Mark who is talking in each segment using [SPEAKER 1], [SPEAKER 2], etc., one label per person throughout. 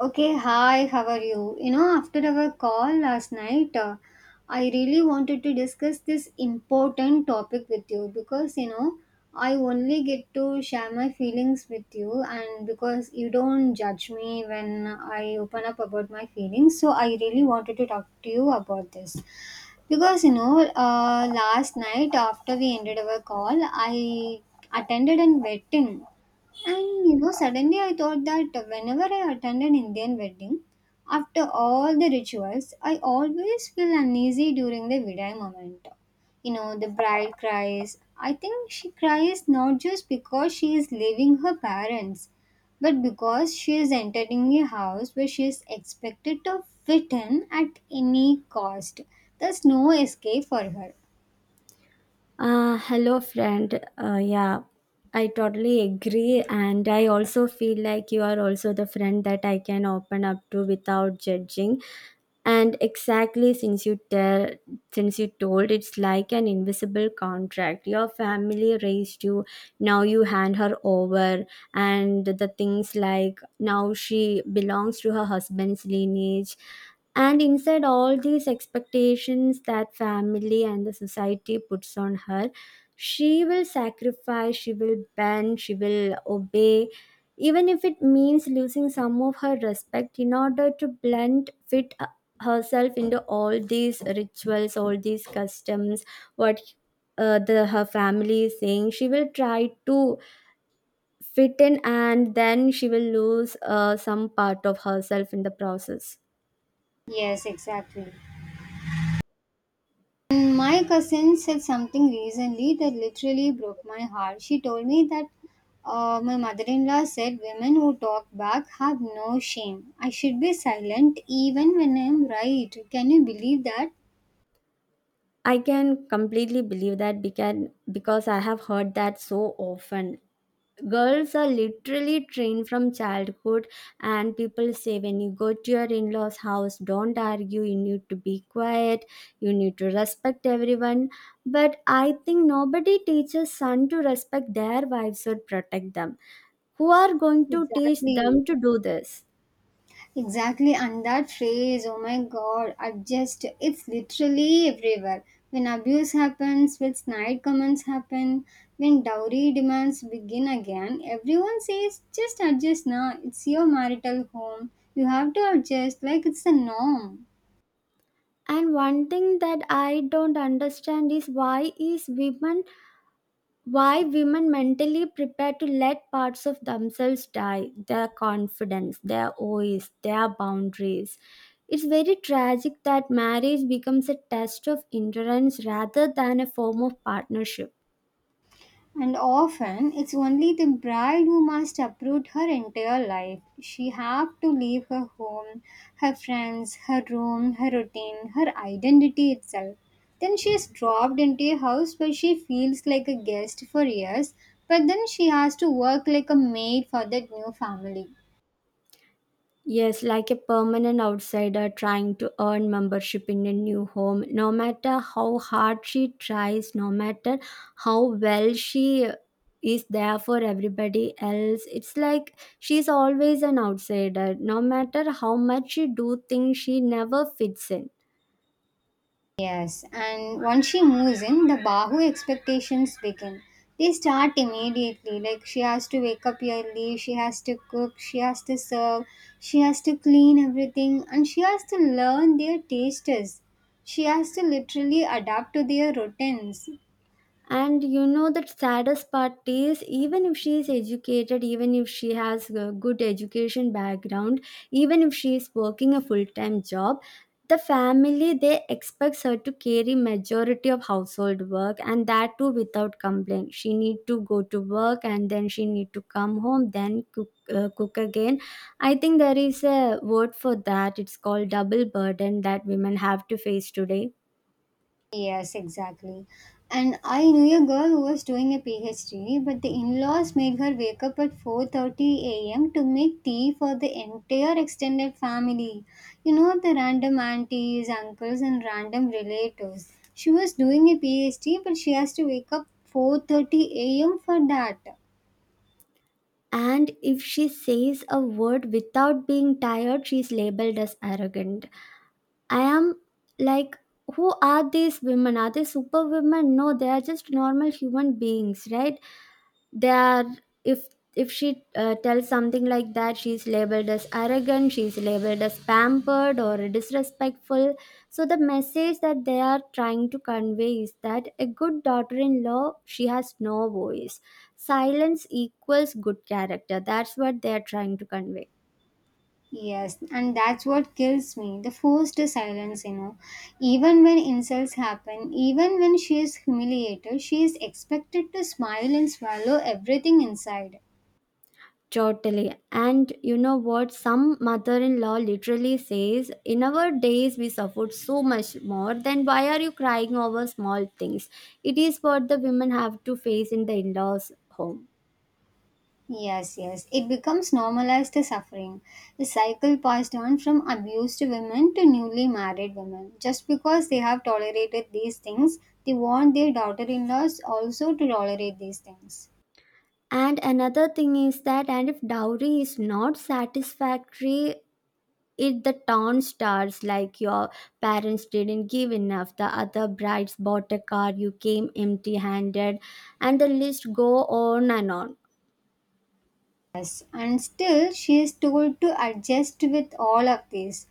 [SPEAKER 1] Okay, hi, how are you? You know, after our call last night, I really wanted to discuss this important topic with you because, you know, I only get to share my feelings with you, and because you don't judge me when I open up about my feelings, so I really wanted to talk to you about this. Because you know, last night after we ended our call, I attended an wedding, and you know, suddenly I thought that whenever I attend an Indian wedding, after all the rituals, I always feel uneasy during the vidai moment. You know, the bride cries. I think she cries not just because she is leaving her parents, but because she is entering a house where she is expected to fit in at any cost. There's no escape for her.
[SPEAKER 2] Hello, friend. Yeah, I totally agree. And I also feel like you are also the friend that I can open up to without judging. And since you told, it's like an invisible contract. Your family raised you. Now you hand her over, and the things like now she belongs to her husband's lineage and inside all these expectations that family and the society puts on her, she will sacrifice, she will bend, she will obey, even if it means losing some of her respect in order to blend fit herself into all these rituals, all these customs, what the her family is saying. She will try to fit in, and then she will lose some part of herself in the process.
[SPEAKER 1] Yes, exactly. And my cousin said something recently that literally broke my heart. She told me that my mother in law said women who talk back have no shame. I should be silent even when I am right. Can you believe that?
[SPEAKER 2] I can completely believe that because I have heard that so often. Girls are literally trained from childhood, and people say when you go to your in law's house, don't argue, you need to be quiet, you need to respect everyone. But I think nobody teaches son to respect their wives or protect them. Who are going to teach
[SPEAKER 1] Exactly.
[SPEAKER 2] them to do this?
[SPEAKER 1] Exactly, and that phrase, oh my god, adjust, it's literally everywhere. When abuse happens, when snide comments happen, when dowry demands begin again, everyone says, just adjust now, it's your marital home. You have to adjust like it's the norm.
[SPEAKER 2] And one thing that I don't understand is why is women why women mentally prepare to let parts of themselves die, their confidence, their voice, their boundaries. It's very tragic that marriage becomes a test of endurance rather than a form of partnership.
[SPEAKER 1] And often it's only the bride who must uproot her entire life. She have to leave her home, her friends, her room, her routine, her identity itself. Then she is dropped into a house where she feels like a guest for years, but then she has to work like a maid for that new family.
[SPEAKER 2] Yes, like a permanent outsider trying to earn membership in a new home. No matter how hard she tries, no matter how well she is there for everybody else, it's like she's always an outsider. No matter how much she do things, she never fits in.
[SPEAKER 1] Yes, and once she moves in, the Bahu expectations begin. They start immediately. Like she has to wake up early, she has to cook, she has to serve, she has to clean everything, and she has to learn their tastes. She has to literally adapt to their routines.
[SPEAKER 2] And you know that saddest part is even if she is educated, even if she has a good education background, even if she is working a full-time job, the family they expects her to carry majority of household work and that too without complaint. She need to go to work and then she need to come home, then cook again. I think there is a word for that. It's called double burden that women have to face today.
[SPEAKER 1] Yes, exactly. And I knew a girl who was doing a PhD, but the in-laws made her wake up at 4:30 a.m. to make tea for the entire extended family. You know, the random aunties, uncles and random relatives. She was doing a PhD, but she has to wake up 4:30 a.m. for that.
[SPEAKER 2] And if she says a word without being tired, she's labeled as arrogant. I am like, who are these women? Are they superwomen? No, they are just normal human beings, right? they are if if she tells something like that, she's labeled as arrogant, she's labeled as pampered or disrespectful. So the message that they are trying to convey is that a good daughter-in-law she has no voice. Silence equals good character. That's what they are trying to convey.
[SPEAKER 1] Yes, and that's what kills me. The forced silence, you know. Even when insults happen, even when she is humiliated, she is expected to smile and swallow everything inside.
[SPEAKER 2] Totally. And you know what? Some mother in law literally says, in our days, we suffered so much more. Then why are you crying over small things? It is what the women have to face in the in laws' home.
[SPEAKER 1] Yes, yes, it becomes normalized. The suffering. The cycle passed on from abused women to newly married women. Just because they have tolerated these things, they want their daughter in laws also to tolerate these things.
[SPEAKER 2] And another thing is that, and if dowry is not satisfactory, it the town starts like your parents didn't give enough. The other brides bought a car, you came empty handed, and the list go on and on.
[SPEAKER 1] Yes, and still she is told to adjust with all of this.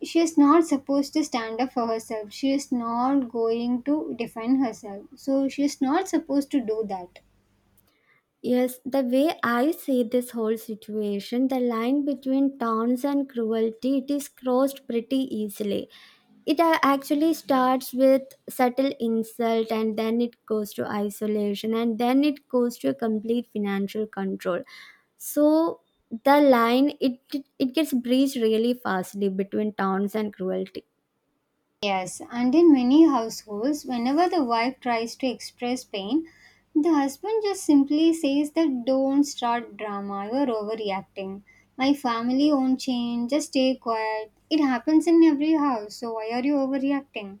[SPEAKER 1] She is not supposed to stand up for herself. She is not going to defend herself, so she is not supposed to do that.
[SPEAKER 2] Yes, the way I see this whole situation, the line between taunts and cruelty, it is crossed pretty easily. It actually starts with subtle insult, and then it goes to isolation, and then it goes to complete financial control. So the line it gets breached really fastly between taunts and cruelty.
[SPEAKER 1] Yes, and in many households whenever the wife tries to express pain, the husband just simply says that don't start drama, you're overreacting, my family won't change, just stay quiet. It happens in every house, so why are you overreacting?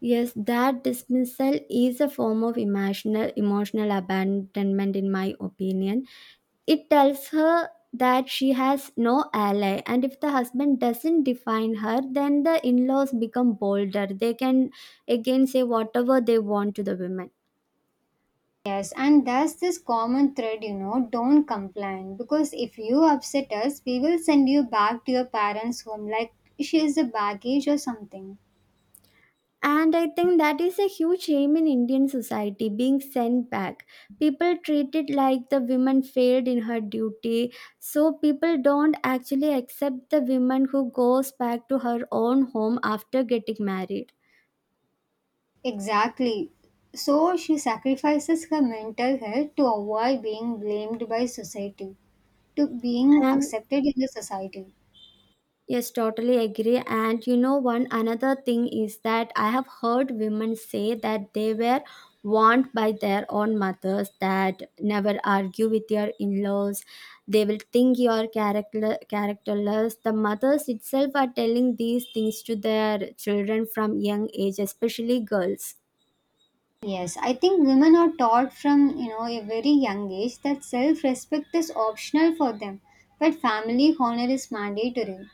[SPEAKER 2] Yes, that dismissal is a form of emotional abandonment in my opinion. It tells her that she has no ally, and if the husband doesn't define her then the in-laws become bolder. They can again say whatever they want to the women.
[SPEAKER 1] Yes, and that's this common thread, you know, don't complain because if you upset us, we will send you back to your parents' home like she is a baggage or something.
[SPEAKER 2] And I think that is a huge shame in Indian society being sent back. People treat it like the woman failed in her duty. So people don't actually accept the woman who goes back to her own home after getting married.
[SPEAKER 1] Exactly. So she sacrifices her mental health to avoid being blamed by society, to being
[SPEAKER 2] And
[SPEAKER 1] accepted in the society.
[SPEAKER 2] yes, totally agree. And you know, one another thing is that I have heard women say that they were warned by their own mothers that never argue with your in laws, they will think you are characterless. The mothers itself are telling these things to their children from young age, especially girls.
[SPEAKER 1] Yes, I think women are taught from you know a very young age that self-respect is optional for them, but family honor is mandatory.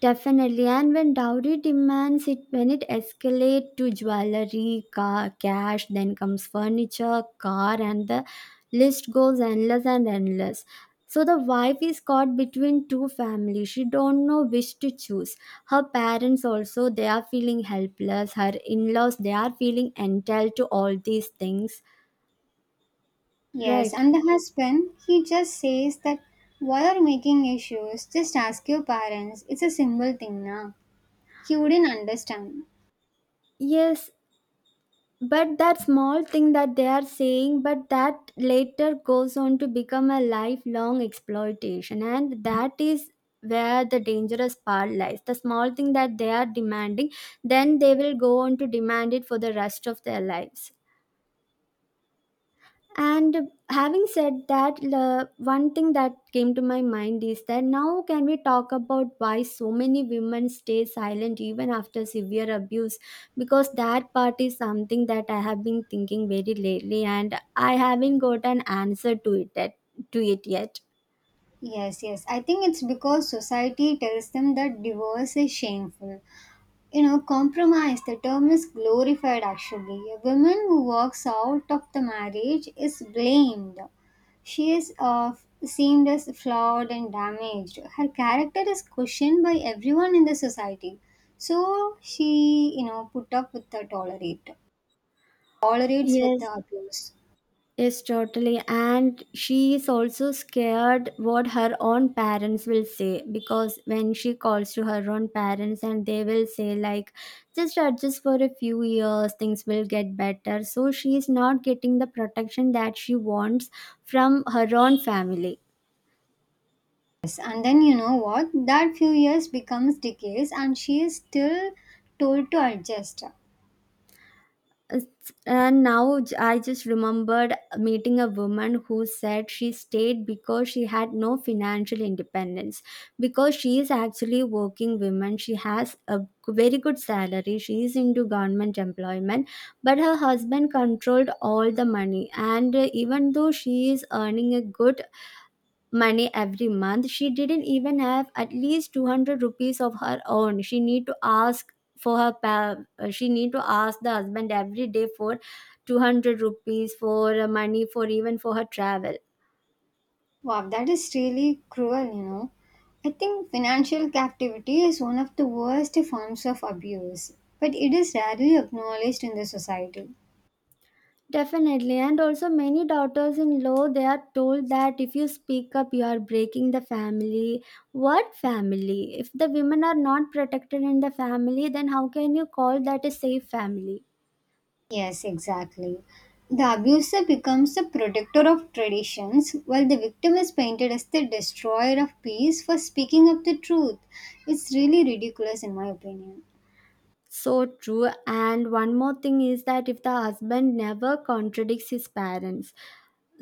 [SPEAKER 2] Definitely, and when dowry demands it, when it escalates to jewelry, car, cash, then comes furniture, car, and the list goes endless and endless. So the wife is caught between two families. She don't know which to choose. Her parents also they are feeling helpless. Her in-laws they are feeling entitled to all these things.
[SPEAKER 1] Yes,
[SPEAKER 2] Right.
[SPEAKER 1] and the husband, he just says that why are you making issues? Just ask your parents. It's a simple thing now. He wouldn't understand.
[SPEAKER 2] Yes, but that small thing that they are saying but that later goes on to become a lifelong exploitation, and that is where the dangerous part lies. The small thing that they are demanding, then they will go on to demand it for the rest of their lives. And having said that, one thing that came to my mind is that now can we talk about why so many women stay silent even after severe abuse? Because that part is something that I have been thinking very lately, and I haven't got an answer to it yet.
[SPEAKER 1] Yes, yes. I think it's because society tells them that divorce is shameful. You know, compromise, the term is glorified actually. A woman who walks out of the marriage is blamed. She is seemed as flawed and damaged. Her character is questioned by everyone in the society. So she, you know, put up with the tolerates with
[SPEAKER 2] Yes,
[SPEAKER 1] the abuse.
[SPEAKER 2] yes, totally. And she is also scared what her own parents will say because when she calls to her own parents, and they will say, like, just adjust for a few years, things will get better. So she is not getting the protection that she wants from her own family.
[SPEAKER 1] Yes, and then you know what? That few years becomes decades, and she is still told to adjust.
[SPEAKER 2] I just remembered meeting a woman who said she stayed because she had no financial independence, because she is actually working woman. She has a very good salary. She is into government employment, but her husband controlled all the money. And even though she is earning a good money every month, she didn't even have at least 200 rupees of her own. She need to ask for her she need to ask the husband every day for 200 rupees for money for even for her travel.
[SPEAKER 1] Wow, that is really cruel, you know. I think financial captivity is one of the worst forms of abuse, but it is rarely acknowledged in the society.
[SPEAKER 2] Definitely, and also many daughters in law they are told that if you speak up you are breaking the family. What family? If the women are not protected in the family, then how can you call that a safe family?
[SPEAKER 1] Yes, exactly. The abuser becomes the protector of traditions, while the victim is painted as the destroyer of peace for speaking up the truth. It's really ridiculous, in my opinion.
[SPEAKER 2] So true. And one more thing is that if the husband never contradicts his parents,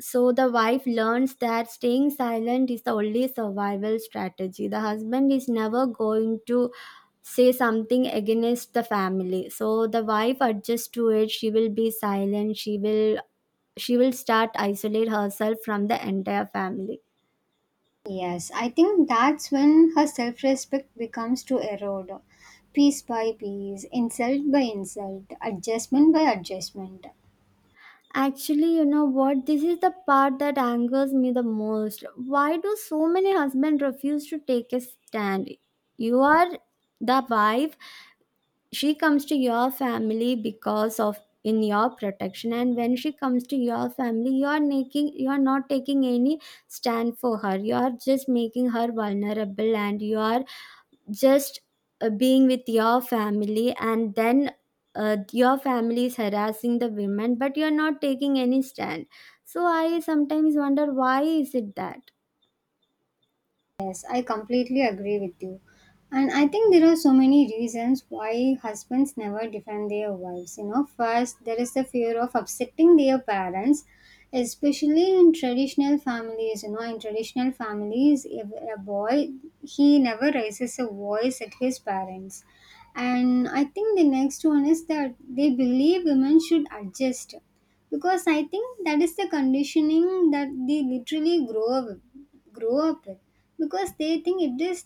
[SPEAKER 2] so the wife learns that staying silent is the only survival strategy. The husband is never going to say something against the family. So the wife adjusts to it. She will be silent. She will start isolate herself from the entire family.
[SPEAKER 1] Yes, I think that's when her self respect becomes to erode. Piece by piece, insult by insult, adjustment by adjustment.
[SPEAKER 2] Actually, you know what? This is the part that angers me the most. Why do so many husbands refuse to take a stand? You are the wife. She comes to your family because of in your protection, and when she comes to your family, you are not taking any stand for her. You are just making her vulnerable, and you are just being with your family, and then your family is harassing the women but you're not taking any stand. So I sometimes wonder why is it that.
[SPEAKER 1] Yes, I completely agree with you. And I think there are so many reasons why husbands never defend their wives. You know, first, there is the fear of upsetting their parents, especially in traditional families. You know, in traditional families, if a boy, he never raises a voice at his parents. And I think the next one is that they believe women should adjust because I think that is the conditioning that they literally grow up with because they think it is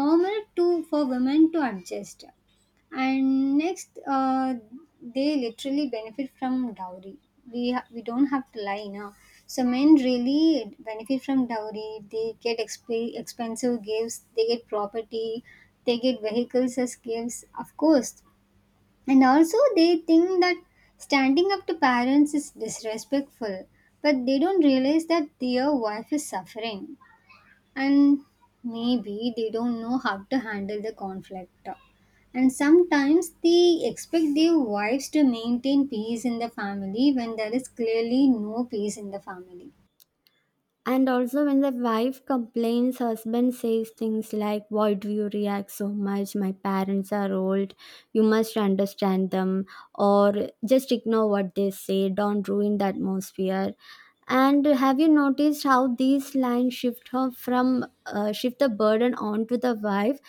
[SPEAKER 1] normal to for women to adjust. And next they literally benefit from dowry. We don't have to lie now, so men really benefit from dowry. They get expensive gifts, they get property, they get vehicles as gifts, of course. And also, they think that standing up to parents is disrespectful, but they don't realize that their wife is suffering. And maybe they don't know how to handle the conflict. And sometimes they expect their wives to maintain peace in the family when there is clearly no peace in the family.
[SPEAKER 2] And also when the wife complains, husband says things like, why do you react so much, my parents are old, you must understand them, or just ignore what they say, don't ruin the atmosphere. And have you noticed how these lines shift her from shift the burden onto the wife?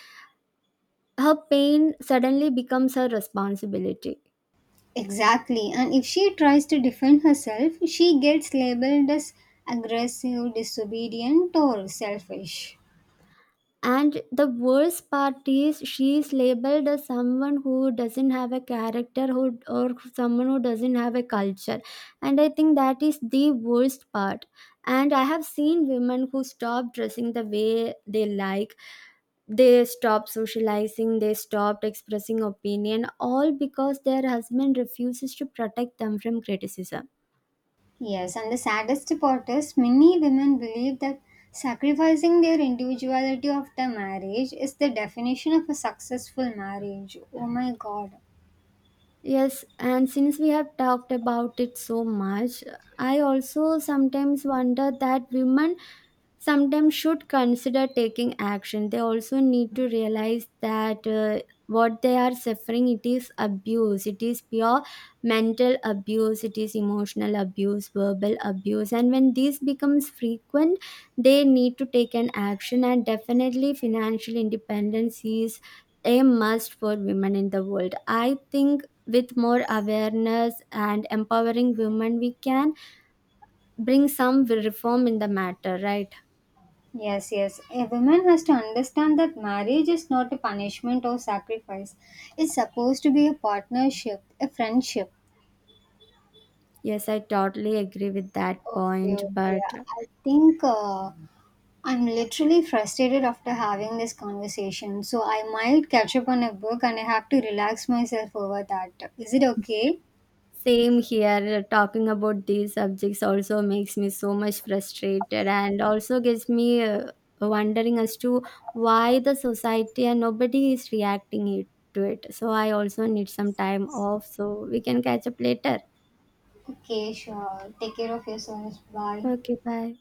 [SPEAKER 2] Her pain suddenly becomes her responsibility.
[SPEAKER 1] Exactly. And if she tries to defend herself, she gets labeled as aggressive, disobedient, or selfish.
[SPEAKER 2] And the worst part is she is labeled as someone who doesn't have a character who, or someone who doesn't have a culture. And I think that is the worst part. And I have seen women who stop dressing the way they like, they stopped socializing, they stopped expressing opinion, all because their husband refuses to protect them from criticism.
[SPEAKER 1] Yes, and the saddest part is many women believe that sacrificing their individuality after marriage is the definition of a successful marriage. Oh my god.
[SPEAKER 2] Yes, and since we have talked about it so much, I also sometimes wonder that women sometimes should consider taking action. They also need to realize that what they are suffering, it is abuse. It is pure mental abuse, it is emotional abuse, verbal abuse, and when this becomes frequent, they need to take an action. And definitely financial independence is a must for women in the world. I think with more awareness and empowering women, we can bring some reform in the matter, right?
[SPEAKER 1] Yes, yes. A woman has to understand that marriage is not a punishment or sacrifice. It's supposed to be a partnership, a friendship.
[SPEAKER 2] Yes, I totally agree with that
[SPEAKER 1] Okay,
[SPEAKER 2] point.
[SPEAKER 1] okay.
[SPEAKER 2] But
[SPEAKER 1] I think I'm literally frustrated after having this conversation, so I might catch up on a book and I have to relax myself over that. Is it okay?
[SPEAKER 2] same here, talking about these subjects also makes me so much frustrated, and also gets me wondering as to why the society and nobody is reacting to it. So I also need some time off so we can catch up later.
[SPEAKER 1] Okay, sure. Take care of yourself. Bye.
[SPEAKER 2] Okay, bye.